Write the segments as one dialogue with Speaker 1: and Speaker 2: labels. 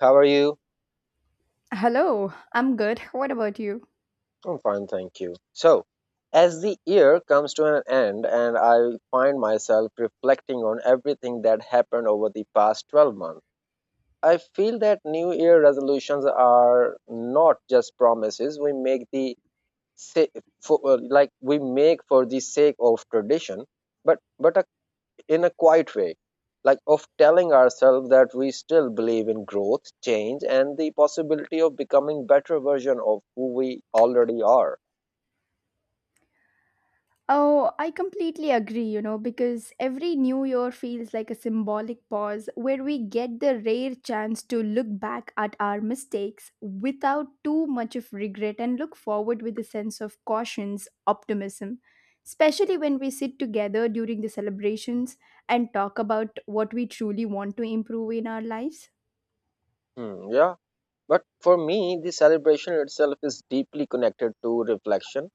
Speaker 1: How are you?
Speaker 2: Hello, I'm good. What about you?
Speaker 1: I'm fine, thank you. So, as the year comes to an end and I find myself reflecting on everything that happened over the past 12 months, I feel that New Year resolutions are not just promises we make sa- for, like we make for the sake of tradition, but a in a quiet way, like of telling ourselves that we still believe in growth, change, and the possibility of becoming better version of who we already are.
Speaker 2: Oh, I completely agree, you know, because every new year feels like a symbolic pause where we get the rare chance to look back at our mistakes without too much of regret and look forward with a sense of cautious optimism. Especially when we sit together during the celebrations and talk about what we truly want to improve in our lives.
Speaker 1: Hmm, yeah. But for me, the celebration itself is deeply connected to reflection,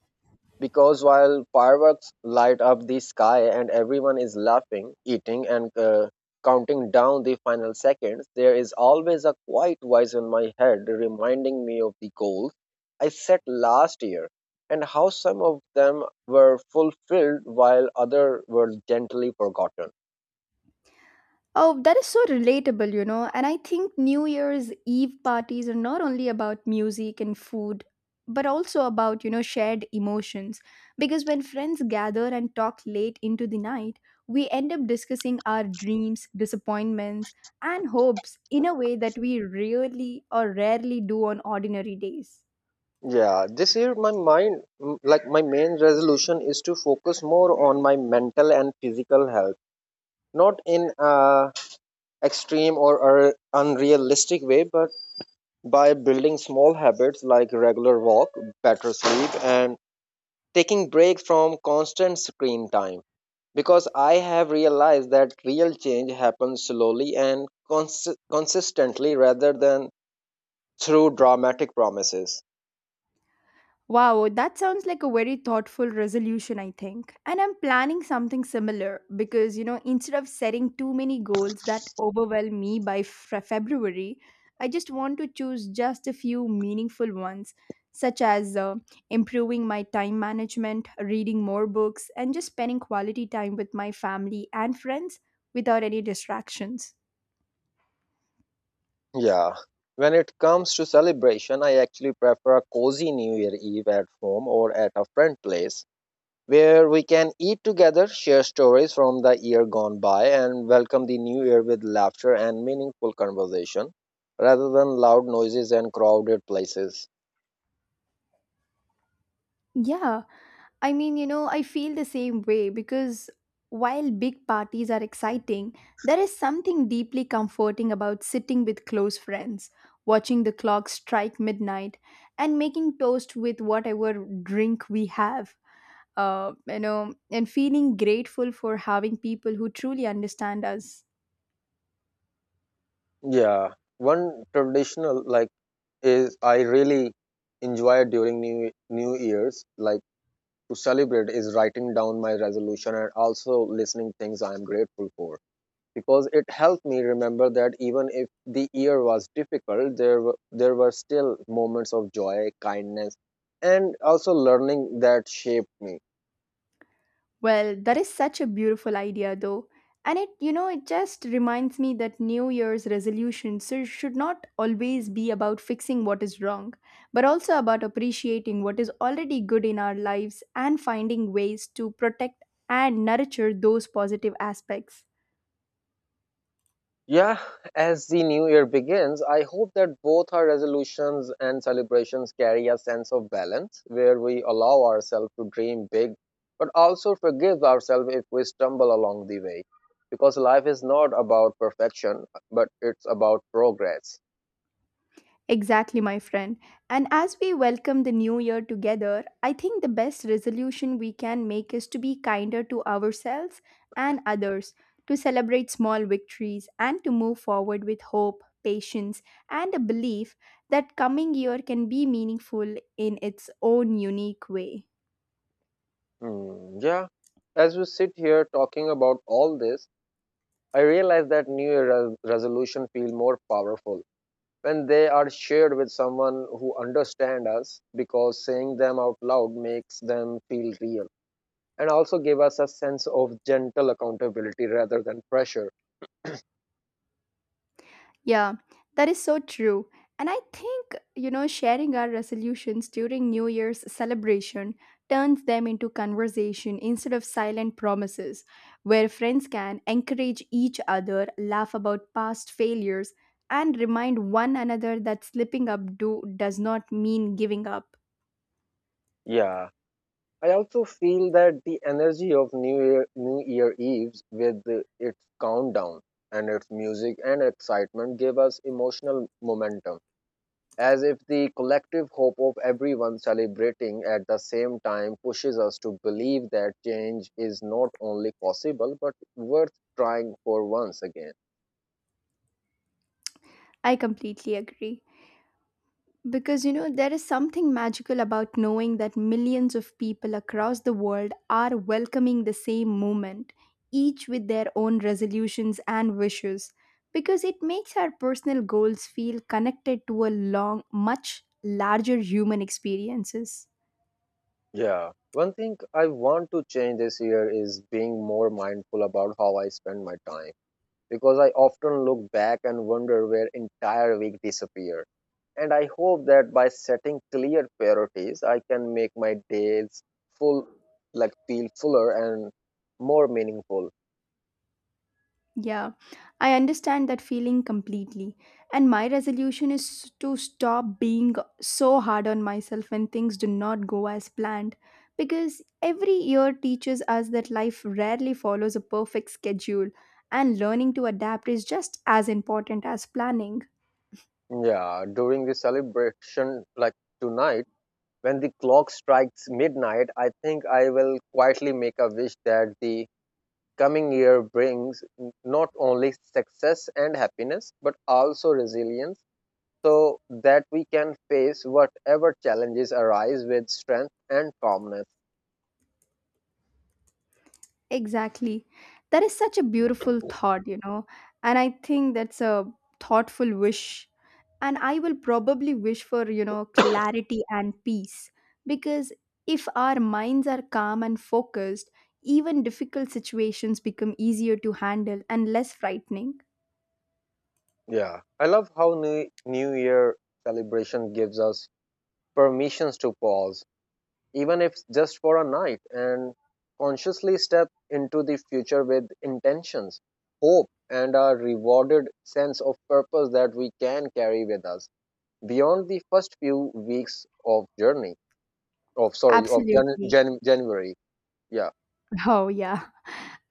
Speaker 1: because while fireworks light up the sky and everyone is laughing, eating, and counting down the final seconds, there is always a quiet voice in my head reminding me of the goals I set last year and how some of them were fulfilled while others were gently forgotten.
Speaker 2: Oh, that is so relatable, you know. And I think New Year's Eve parties are not only about music and food, but also about, you know, shared emotions. Because when friends gather and talk late into the night, we end up discussing our dreams, disappointments, and hopes in a way that we really or rarely do on ordinary days.
Speaker 1: Yeah, this year like my main resolution is to focus more on my mental and physical health, not in a extreme or unrealistic way, but by building small habits like regular walk, better sleep, and taking breaks from constant screen time. Because I have realized that real change happens slowly and consistently rather than through dramatic promises.
Speaker 2: Wow, that sounds like a very thoughtful resolution, I think. And I'm planning something similar because, you know, instead of setting too many goals that overwhelm me by February, I just want to choose just a few meaningful ones, such as improving my time management, reading more books, and just spending quality time with my family and friends without any distractions.
Speaker 1: Yeah. When it comes to celebration, I actually prefer a cozy New Year Eve at home or at a friend place, where we can eat together, share stories from the year gone by, and welcome the new year with laughter and meaningful conversation rather than loud noises and crowded places.
Speaker 2: Yeah, I mean, you know, I feel the same way because while big parties are exciting, there is something deeply comforting about sitting with close friends, watching the clock strike midnight, and making toast with whatever drink we have. You know, and feeling grateful for having people who truly understand us.
Speaker 1: Yeah, one traditional like is I really enjoy during new years, like to celebrate, is writing down my resolution and also listening things I am grateful for. Because it helped me remember that even if the year was difficult, there were still moments of joy, kindness, and also learning that shaped me.
Speaker 2: Well, that is such a beautiful idea, though. And it, you know, it just reminds me that New Year's resolutions should not always be about fixing what is wrong, but also about appreciating what is already good in our lives and finding ways to protect and nurture those positive aspects.
Speaker 1: Yeah, as the new year begins, I hope that both our resolutions and celebrations carry a sense of balance, where we allow ourselves to dream big, but also forgive ourselves if we stumble along the way, because life is not about perfection, but it's about progress.
Speaker 2: Exactly, my friend. And as we welcome the new year together, I think the best resolution we can make is to be kinder to ourselves and others, to celebrate small victories, and to move forward with hope, patience, and a belief that coming year can be meaningful in its own unique way.
Speaker 1: Hmm, yeah. As we sit here talking about all this, I realize that New Year resolution feel more powerful when they are shared with someone who understand us, because saying them out loud makes them feel real and also give us a sense of gentle accountability rather than pressure.
Speaker 2: Yeah, that is so true. And I think, you know, sharing our resolutions during New Year's celebration turns them into conversation instead of silent promises, where friends can encourage each other, laugh about past failures, and remind one another that slipping up do does not mean giving up.
Speaker 1: Yeah. I also feel that the energy of New Year Eves, with its countdown and its music and excitement, give us emotional momentum, as if the collective hope of everyone celebrating at the same time pushes us to believe that change is not only possible but worth trying for once again.
Speaker 2: I completely agree. Because you know, there is something magical about knowing that millions of people across the world are welcoming the same movement, each with their own resolutions and wishes, because it makes our personal goals feel connected to a long, much larger human experiences.
Speaker 1: Yeah. One thing I want to change this year is being more mindful about how I spend my time, because I often look back and wonder where entire week disappeared, and I hope that by setting clear priorities, I can make my days full, like feel fuller and more meaningful.
Speaker 2: Yeah, I understand that feeling completely. And my resolution is to stop being so hard on myself when things do not go as planned. Because every year teaches us that life rarely follows a perfect schedule, and learning to adapt is just as important as planning.
Speaker 1: Yeah, during the celebration, like tonight, when the clock strikes midnight, I think I will quietly make a wish that the coming year brings not only success and happiness, but also resilience, so that we can face whatever challenges arise with strength and calmness.
Speaker 2: Exactly. That is such a beautiful thought, you know. And I think that's a thoughtful wish. And I will probably wish for, you know, clarity and peace. Because if our minds are calm and focused, even difficult situations become easier to handle and less frightening.
Speaker 1: Yeah, I love how New Year celebration gives us permissions to pause, even if just for a night, and consciously step into the future with intentions, hope, and a rewarded sense of purpose that we can carry with us beyond the first few weeks of journey. Of sorry, of
Speaker 2: Absolutely.
Speaker 1: January. Yeah.
Speaker 2: Oh, yeah.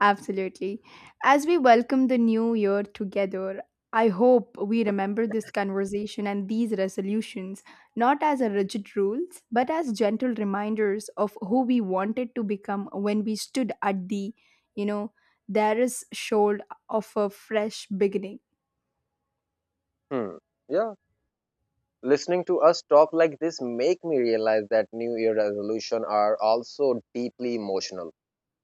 Speaker 2: Absolutely. As we welcome the new year together, I hope we remember this conversation and these resolutions not as a rigid rules, but as gentle reminders of who we wanted to become when we stood at the, you know, there is shoal of a fresh beginning.
Speaker 1: Hmm. Yeah. Listening to us talk like this make me realize that New Year resolution are also deeply emotional,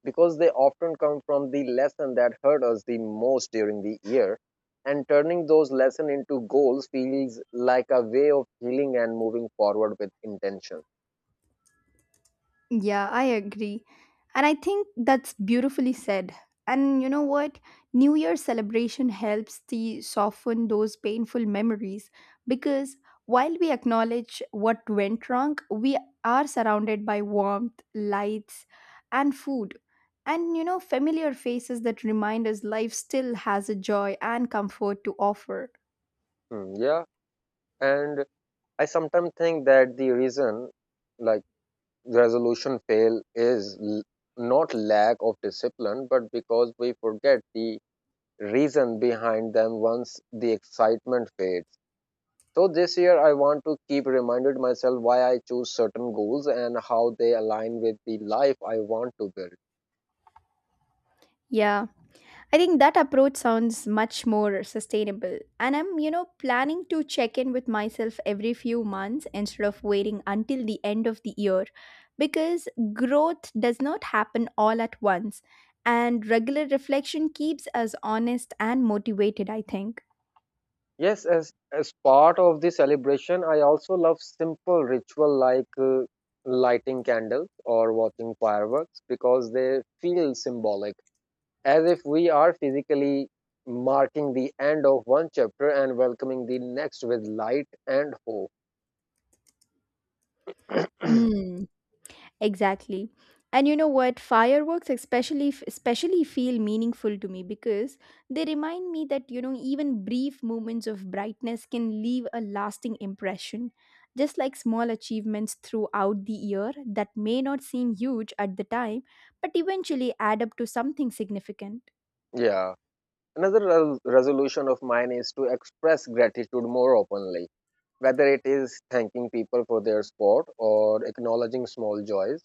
Speaker 1: because they often come from the lesson that hurt us the most during the year, and turning those lessons into goals feels like a way of healing and moving forward with intention.
Speaker 2: Yeah, I agree. And I think that's beautifully said. And you know what? New Year celebration helps to soften those painful memories because while we acknowledge what went wrong, we are surrounded by warmth, lights, and food. And you know, familiar faces that remind us life still has a joy and comfort to offer.
Speaker 1: Hmm, yeah, and I sometimes think that the reason, like, resolution fail is not lack of discipline, but because we forget the reason behind them once the excitement fades. So this year, I want to keep reminded myself why I choose certain goals and how they align with the life I want to build.
Speaker 2: Yeah. I think that approach sounds much more sustainable. And I'm, you know, planning to check in with myself every few months instead of waiting until the end of the year because growth does not happen all at once. And regular reflection keeps us honest and motivated, I think.
Speaker 1: Yes, as part of the celebration, I also love simple ritual like lighting candles or watching fireworks, because they feel symbolic, as if we are physically marking the end of one chapter and welcoming the next with light and hope.
Speaker 2: Mm, exactly. And you know what? Fireworks especially feel meaningful to me because they remind me that, you know, even brief moments of brightness can leave a lasting impression. Just like small achievements throughout the year that may not seem huge at the time, but eventually add up to something significant.
Speaker 1: Yeah. Another resolution of mine is to express gratitude more openly, whether it is thanking people for their support or acknowledging small joys,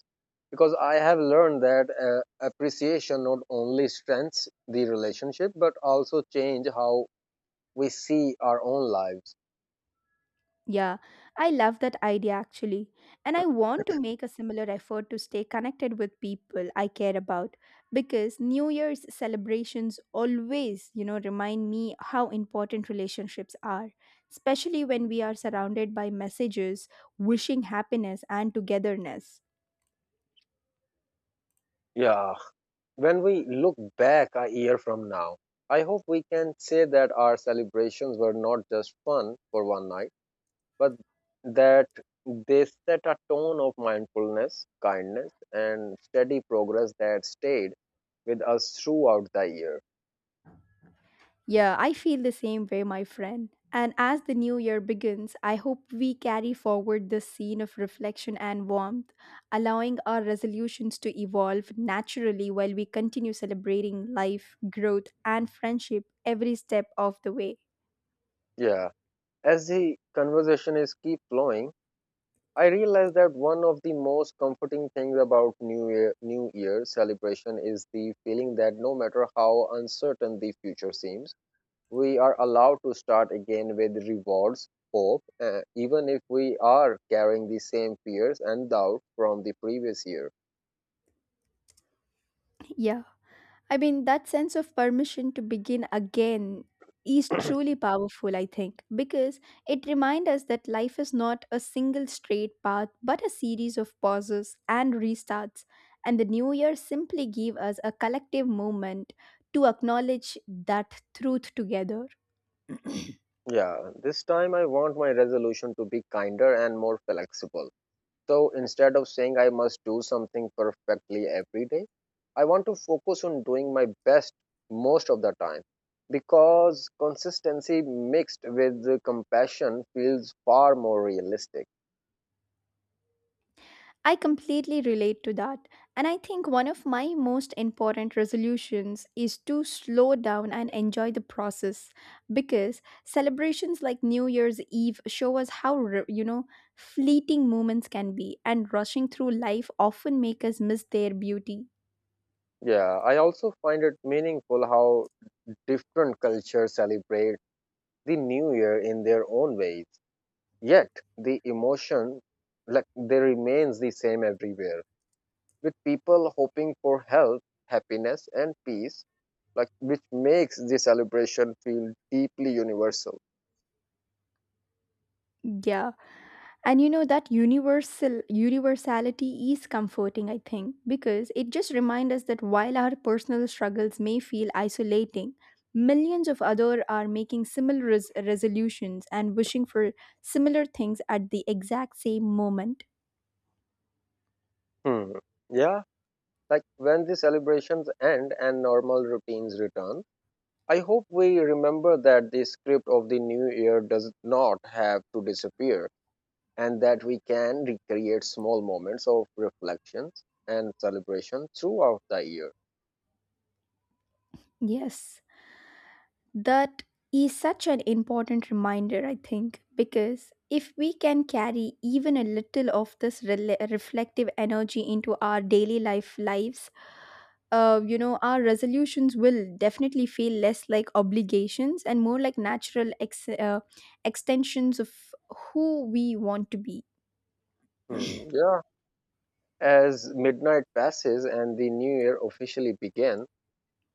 Speaker 1: because I have learned that appreciation not only strengthens the relationship but also change how we see our own lives.
Speaker 2: Yeah, I love that idea actually. And I want to make a similar effort to stay connected with people I care about because New Year's celebrations always, you know, remind me how important relationships are, especially when we are surrounded by messages wishing happiness and togetherness.
Speaker 1: Yeah, when we look back a year from now, I hope we can say that our celebrations were not just fun for one night, but that they set a tone of mindfulness, kindness, and steady progress that stayed with us throughout the year.
Speaker 2: Yeah, I feel the same way, my friend. And as the new year begins, I hope we carry forward this scene of reflection and warmth, allowing our resolutions to evolve naturally while we continue celebrating life, growth, and friendship every step of the way.
Speaker 1: Yeah. As the conversation is keep flowing, I realize that one of the most comforting things about New Year celebration is the feeling that no matter how uncertain the future seems, we are allowed to start again with rewards, hope, even if we are carrying the same fears and doubt from the previous year.
Speaker 2: Yeah. I mean, that sense of permission to begin again is truly powerful, I think, because it reminds us that life is not a single straight path, but a series of pauses and restarts. And the new year simply gives us a collective moment to acknowledge that truth together.
Speaker 1: Yeah, this time I want my resolution to be kinder and more flexible. So instead of saying I must do something perfectly every day, I want to focus on doing my best most of the time, because consistency mixed with the compassion feels far more realistic.
Speaker 2: I completely relate to that. And I think one of my most important resolutions is to slow down and enjoy the process because celebrations like New Year's Eve show us how, you know, fleeting moments can be and rushing through life often make us miss their beauty.
Speaker 1: Yeah, I also find it meaningful how different cultures celebrate the new year in their own ways. Yet the emotion, like, they remains the same everywhere, with people hoping for health, happiness, and peace, like, which makes the celebration feel deeply universal.
Speaker 2: Yeah. And you know that universality is comforting, I think, because it just reminds us that while our personal struggles may feel isolating, millions of others are making similar resolutions and wishing for similar things at the exact same moment.
Speaker 1: Hmm. Yeah. Like when the celebrations end and normal routines return, I hope we remember that the script of the new year does not have to disappear and that we can recreate small moments of reflections and celebration throughout the year.
Speaker 2: Yes, that is such an important reminder, I think, because if we can carry even a little of this rela reflective energy into our daily life lives you know, our resolutions will definitely feel less like obligations and more like natural extensions of who we want to be.
Speaker 1: Hmm. Yeah, as midnight passes and the new year officially begins,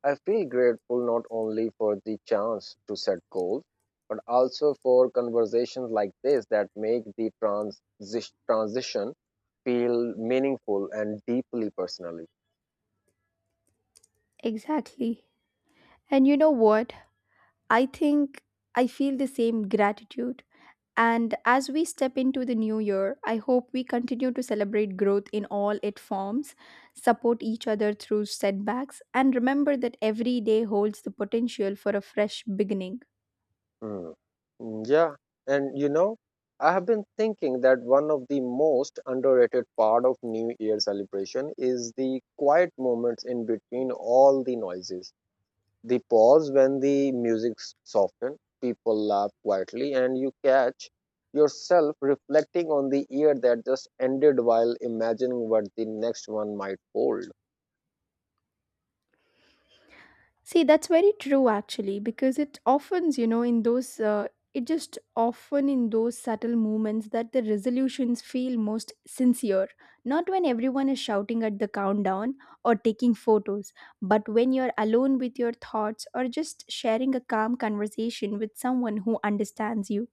Speaker 1: I feel grateful not only for the chance to set goals, but also for conversations like this that make the transition feel meaningful and deeply personally.
Speaker 2: Exactly. And you know what? I think I feel the same gratitude. And as we step into the new year, I hope we continue to celebrate growth in all its forms, support each other through setbacks, and remember that every day holds the potential for a fresh beginning.
Speaker 1: Hmm. Mm, yeah, and I have been thinking that one of the most underrated part of New Year celebration is the quiet moments in between all the noises. The pause when the music softens, people laugh quietly, and you catch yourself reflecting on the year that just ended while imagining what the next one might hold.
Speaker 2: See, that's very true actually, because it often, you know, in those, it just often in those subtle moments that the resolutions feel most sincere. Not when everyone is shouting at the countdown or taking photos, but when you're alone with your thoughts or just sharing a calm conversation with someone who understands you.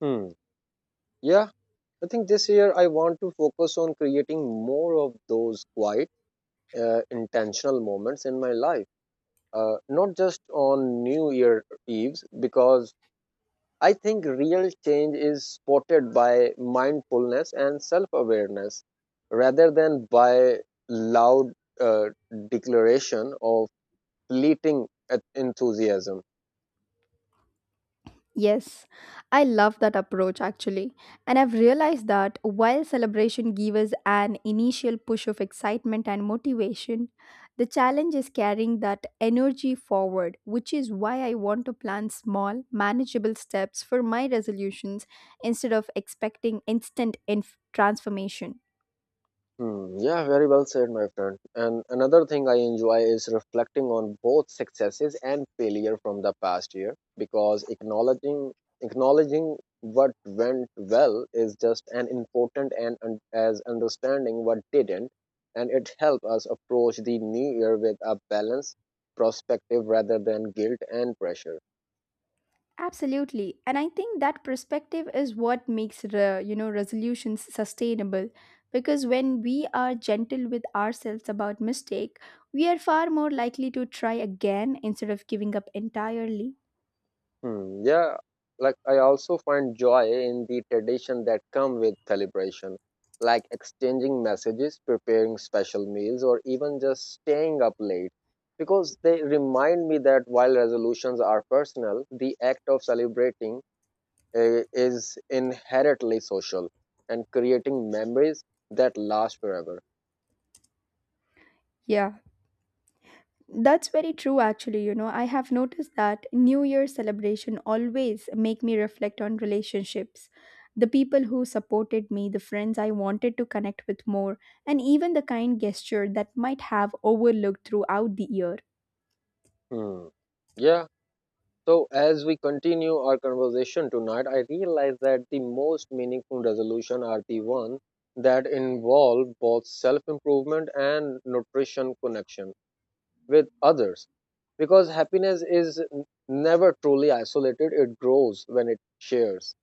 Speaker 1: Hmm. Yeah, I think this year I want to focus on creating more of those quiet, intentional moments in my life. Not just on New Year Eves, because I think real change is spotted by mindfulness and self awareness rather than by loud uh, declaration of fleeting enthusiasm.
Speaker 2: Yes, I love that approach actually. And I've realized that while celebration gives us an initial push of excitement and motivation, the challenge is carrying that energy forward, which is why I want to plan small, manageable steps for my resolutions instead of expecting instant transformation.
Speaker 1: Hmm, yeah, very well said, my friend. And another thing I enjoy is reflecting on both successes and failure from the past year, because acknowledging what went well is just an important and as understanding what didn't, and it helps us approach the new year with a balanced perspective rather than guilt and pressure.
Speaker 2: Absolutely. And I think that perspective is what makes you know resolutions sustainable because when we are gentle with ourselves about mistake, we are far more likely to try again instead of giving up entirely.
Speaker 1: Hmm, yeah, like I also find joy in the tradition that come with celebration, like exchanging messages, preparing special meals, or even just staying up late, because they remind me that while resolutions are personal, the act of celebrating, is inherently social and creating memories that last forever.
Speaker 2: Yeah. That's very true actually, you know. I have noticed that New Year celebration always make me reflect on relationships. The people who supported me, the friends I wanted to connect with more, and even the kind gesture that might have overlooked throughout the year.
Speaker 1: Hmm. Yeah, so, as we continue our conversation tonight, I realize that the most meaningful resolution are the ones that involve both self improvement and nutrition connection with others. Because happiness is never truly isolated, it grows when it shares.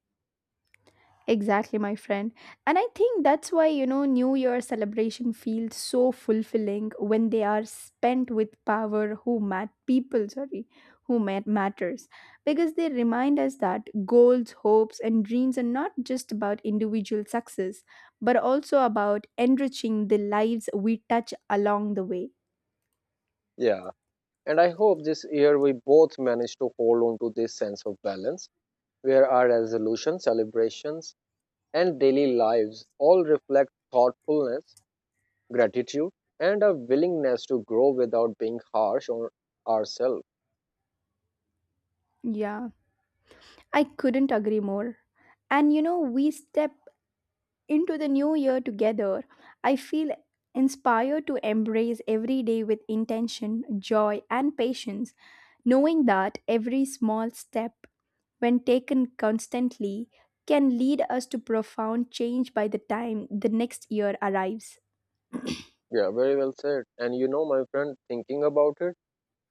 Speaker 2: Exactly, my friend. And I think that's why, you know, New Year celebration feels so fulfilling when they are spent with power who mat people, sorry, who matters. Because they remind us that goals, hopes, and dreams are not just about individual success, but also about enriching the lives we touch along the way.
Speaker 1: Yeah. And I hope this year we both manage to hold on to this sense of balance, where our resolutions, celebrations, and daily lives all reflect thoughtfulness, gratitude, and a willingness to grow without being harsh on ourselves.
Speaker 2: Yeah, I couldn't agree more. And you know, we step into the new year together, I feel inspired to embrace every day with intention, joy, and patience, knowing that every small step, when taken constantly, can lead us to profound change by the time the next year arrives.
Speaker 1: Yeah, very well said. And my friend, thinking about it,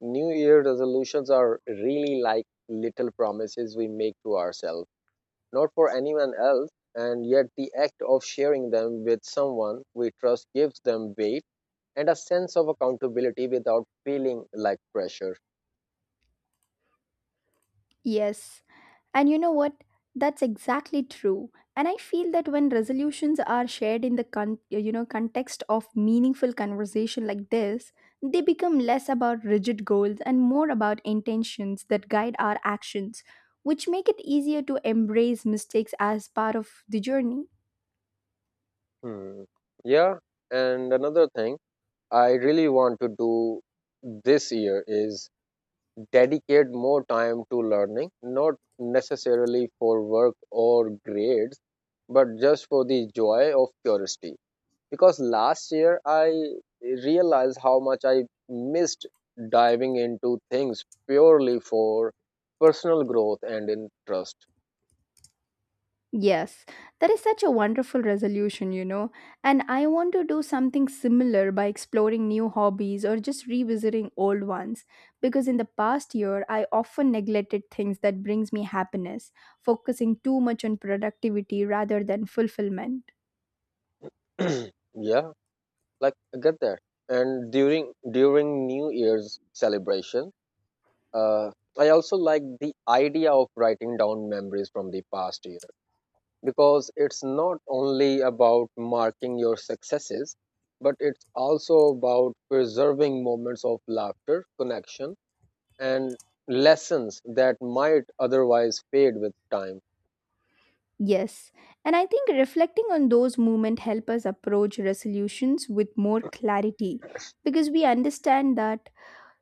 Speaker 1: New Year resolutions are really like little promises we make to ourselves, not for anyone else. And yet, the act of sharing them with someone we trust gives them weight and a sense of accountability without feeling like pressure.
Speaker 2: Yes, and you know what? That's exactly true. And I feel that when resolutions are shared in the you know context of meaningful conversation like this, they become less about rigid goals and more about intentions that guide our actions, which make it easier to embrace mistakes as part of the journey.
Speaker 1: Hmm. Yeah. And another thing I really want to do this year is dedicate more time to learning, not necessarily for work or grades, but just for the joy of curiosity. Because last year I realized how much I missed diving into things purely for personal growth and interest.
Speaker 2: Yes, that is such a wonderful resolution, you know. And I want to do something similar by exploring new hobbies or just revisiting old ones because in the past year I often neglected things that brings me happiness, focusing too much on productivity rather than fulfillment.
Speaker 1: Yeah, like I get that. And during New Year's celebration, uh, I also like the idea of writing down memories from the past year, because it's not only about marking your successes, but it's also about preserving moments of laughter, connection, and lessons that might otherwise fade with time.
Speaker 2: Yes, and I think reflecting on those moments help us approach resolutions with more clarity because we understand that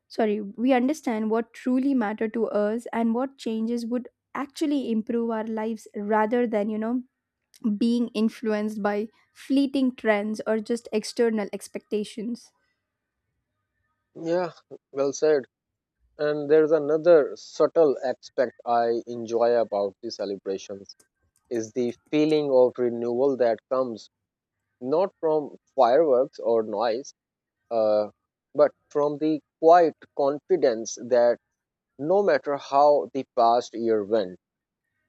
Speaker 2: sorry, we understand what truly matter to us and what changes would actually improve our lives rather than, you know, being influenced by fleeting trends or just external expectations.
Speaker 1: Yeah, well said. And there's another subtle aspect I enjoy about the celebrations is the feeling of renewal that comes not from fireworks or noise, uh, but from the quiet confidence that no matter how the past year went,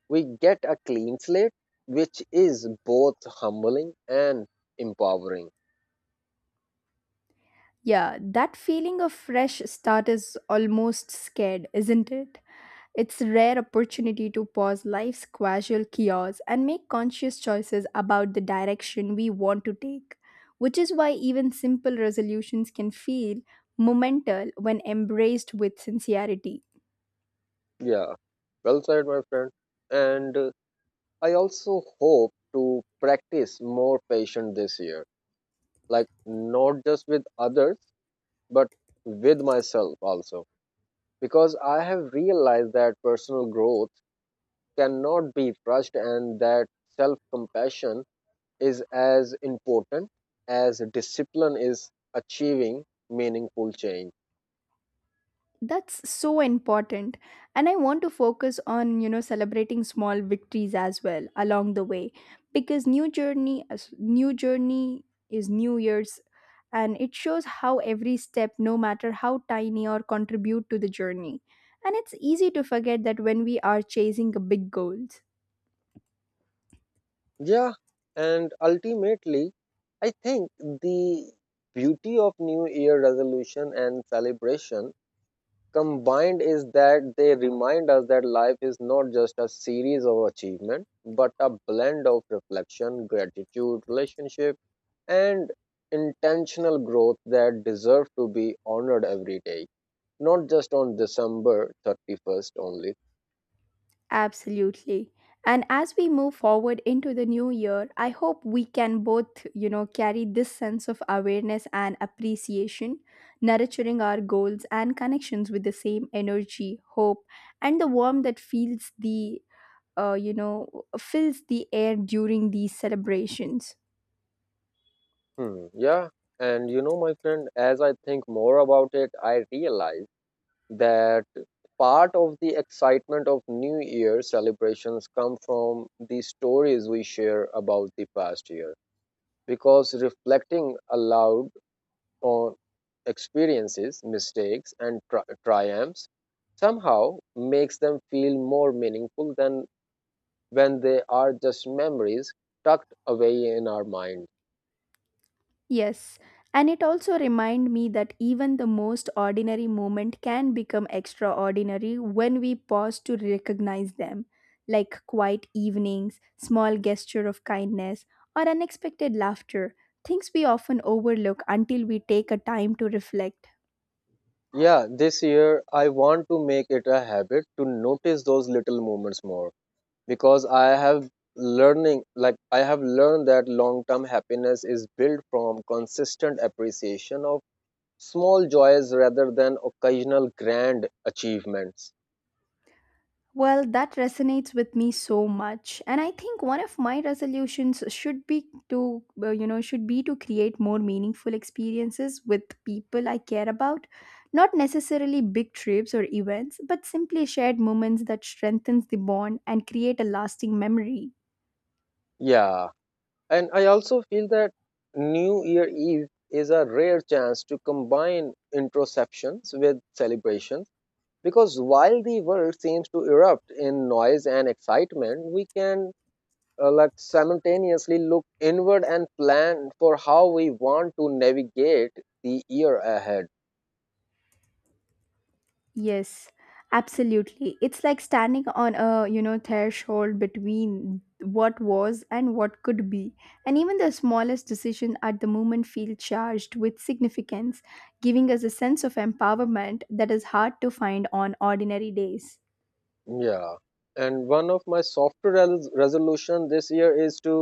Speaker 1: we get a clean slate, which is both humbling and empowering.
Speaker 2: Yeah, that feeling of fresh start is almost scared, isn't it? It's a rare opportunity to pause life's casual chaos and make conscious choices about the direction we want to take, which is why even simple resolutions can feel momental when embraced with sincerity.
Speaker 1: Yeah, well said, my friend. And I also hope to practice more patience this year, like not just with others, but with myself also, because I have realized that personal growth cannot be rushed and that self compassion is as important as discipline is achieving meaningful change.
Speaker 2: That's so important and I want to focus on, you know, celebrating small victories as well along the way because new journey is new year's and it shows how every step, no matter how tiny or contribute to the journey. And it's easy to forget that when we are chasing big goals.
Speaker 1: Yeah, and ultimately, I think the beauty of New Year resolution and celebration combined is that they remind us that life is not just a series of achievement but a blend of reflection, gratitude, relationship, and intentional growth that deserve to be honored every day. Not just on December 31st only.
Speaker 2: Absolutely. And as we move forward into the new year, I hope we can both, you know, carry this sense of awareness and appreciation, nurturing our goals and connections with the same energy, hope, and the warmth that feels the, you know, fills the air during these celebrations.
Speaker 1: Hmm, yeah. And you know, my friend, as I think more about it, I realize that part of the excitement of New Year celebrations come from the stories we share about the past year. Because reflecting aloud on experiences, mistakes, and triumphs somehow makes them feel more meaningful than when they are just memories tucked away in our mind.
Speaker 2: Yes, and it also remind me that even the most ordinary moment can become extraordinary when we pause to recognize them, like quiet evenings, small gesture of kindness, or unexpected laughter, things we often overlook until we take a time to reflect.
Speaker 1: Yeah, this year I want to make it a habit to notice those little moments more, because I have learning like I have learned that long-term happiness is built from consistent appreciation of small joys rather than occasional grand achievements.
Speaker 2: Well, that resonates with me so much. And I think one of my resolutions should be to create more meaningful experiences with people I care about. Not necessarily big trips or events, but simply shared moments that strengthens the bond and create a lasting memory.
Speaker 1: Yeah, and I also feel that New Year Eve is a rare chance to combine introspections with celebrations, because while the world seems to erupt in noise and excitement, we can like simultaneously look inward and plan for how we want to navigate the year ahead.
Speaker 2: Yes, absolutely. It's like standing on a, you know, threshold between what was and what could be. And even the smallest decision at the moment feels charged with significance, giving us a sense of empowerment that is hard to find on ordinary days.
Speaker 1: Yeah, and one of my softer resolution this year is to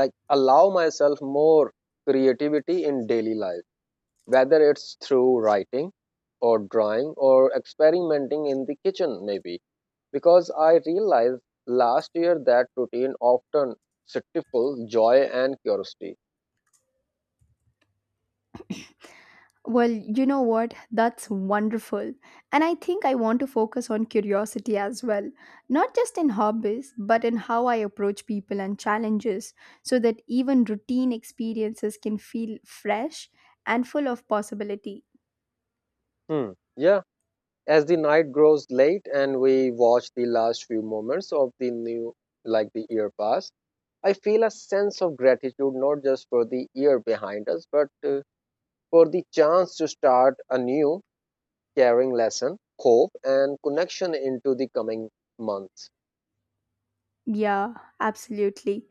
Speaker 1: like allow myself more creativity in daily life, whether it's through writing or drawing or experimenting in the kitchen maybe, because I realized last year that routine often stifles joy and curiosity.
Speaker 2: Well, you know what? That's wonderful. And I think I want to focus on curiosity as well, not just in hobbies, but in how I approach people and challenges, so that even routine experiences can feel fresh and full of possibility.
Speaker 1: Hmm. Yeah, as the night grows late and we watch the last few moments of the new, like the year pass, I feel a sense of gratitude not just for the year behind us, but for the chance to start a new, caring lesson, hope, and connection into the coming months.
Speaker 2: Yeah, absolutely.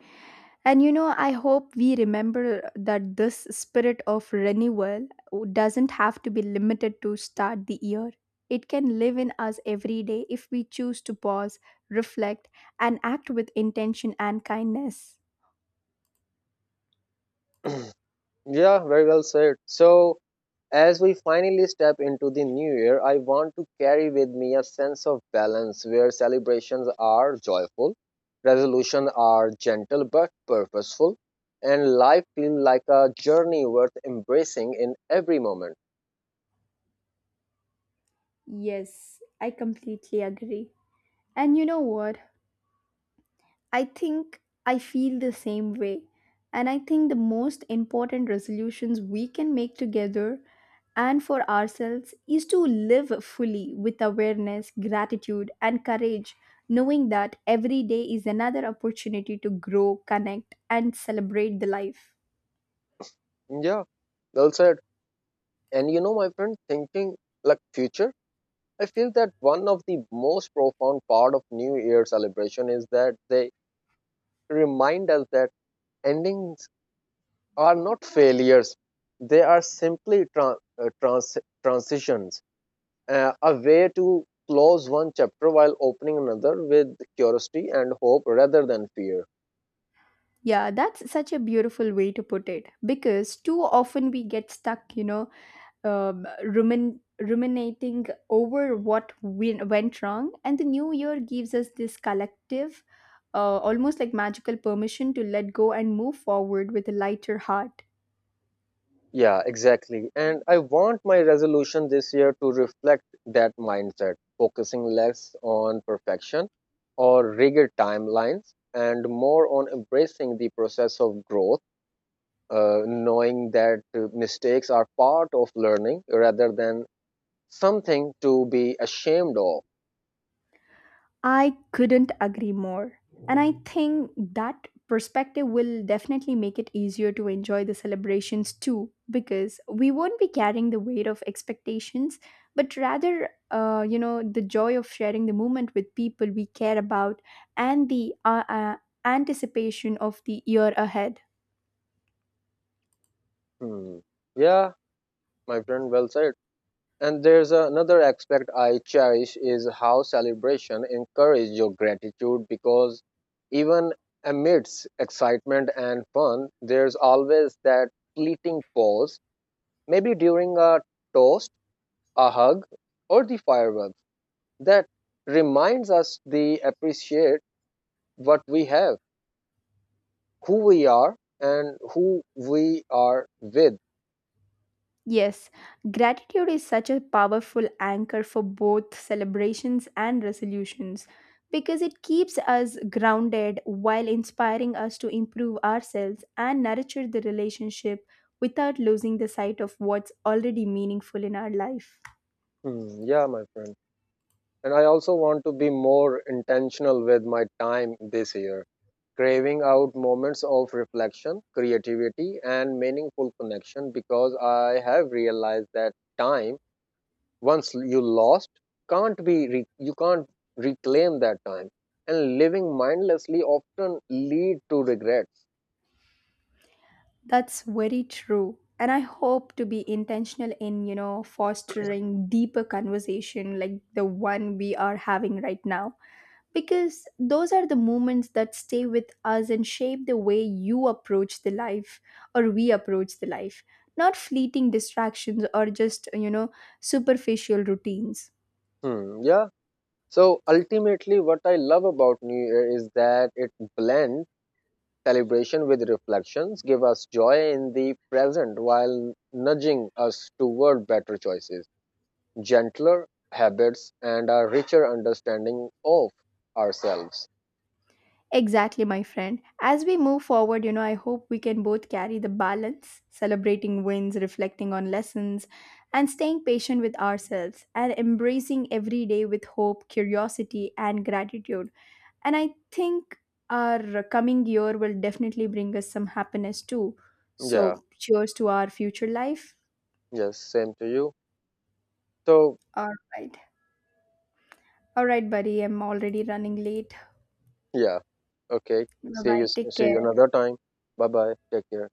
Speaker 2: And you know, I hope we remember that this spirit of renewal doesn't have to be limited to start the year. It can live in us every day if we choose to pause, reflect, and act with intention and kindness.
Speaker 1: yeah, very well said. So, as we finally step into the new year, I want to carry with me a sense of balance where celebrations are joyful, resolutions are gentle but purposeful, and life feels like a journey worth embracing in every moment.
Speaker 2: Yes, I completely agree. And you know what? I think I feel the same way. And I think the most important resolutions we can make together and for ourselves is to live fully with awareness, gratitude, and courage, knowing that every day is another opportunity to grow, connect, and celebrate the life.
Speaker 1: Yeah, well said. And you know, my friend, thinking like future, I feel that one of the most profound part of New Year celebration is that they remind us that endings are not failures, they are simply transitions, a way to close one chapter while opening another with curiosity and hope rather than fear.
Speaker 2: Yeah, that's such a beautiful way to put it because too often we get stuck, you know, ruminating over went wrong. And the new year gives us this collective, almost like magical permission to let go and move forward with a lighter heart.
Speaker 1: Yeah, exactly, and I want my resolution this year to reflect that mindset, focusing less on perfection or rigid timelines and more on embracing the process of growth, knowing that mistakes are part of learning rather than something to be ashamed of.
Speaker 2: I couldn't agree more. And I think that perspective will definitely make it easier to enjoy the celebrations too, because we won't be carrying the weight of expectations, but rather, the joy of sharing the moment with people we care about and the anticipation of the year ahead.
Speaker 1: Hmm. Yeah, my friend, well said. And there's another aspect I cherish is how celebration encourage your gratitude, because even amidst excitement and fun, there's always that fleeting pause, maybe during a toast, a hug, or the fireworks that reminds us to appreciate what we have, who we are, and who we are with.
Speaker 2: Yes, gratitude is such a powerful anchor for both celebrations and resolutions because it keeps us grounded while inspiring us to improve ourselves and nurture the relationship without losing the sight of what's already meaningful in our life.
Speaker 1: Mm, yeah, my friend. And I also want to be more intentional with my time this year, craving out moments of reflection, creativity, and meaningful connection, because I have realized that time, once you lost, can't be re- you can't reclaim that time. And living mindlessly often lead to regrets.
Speaker 2: That's very true. And I hope to be intentional in, you know, fostering deeper conversation like the one we are having right now because those are the moments that stay with us and shape the way you approach the life or we approach the life, not fleeting distractions or just, you know, superficial routines.
Speaker 1: Hmm, yeah. So ultimately, what I love about New Year is that it blends celebration with reflections, give us joy in the present while nudging us toward better choices, gentler habits, and a richer understanding of ourselves.
Speaker 2: Exactly, my friend. As we move forward, you know, I hope we can both carry the balance, celebrating wins, reflecting on lessons, and staying patient with ourselves and embracing every day with hope, curiosity, and gratitude. And I think our coming year will definitely bring us some happiness too. So,
Speaker 1: Yeah,
Speaker 2: cheers to our future life.
Speaker 1: yes, same to you. So,
Speaker 2: All right. All right, buddy. I'm already running late.
Speaker 1: yeah, okay.
Speaker 2: Bye
Speaker 1: See you,
Speaker 2: bye. Take
Speaker 1: see you
Speaker 2: care.
Speaker 1: another time. Bye bye. Take care.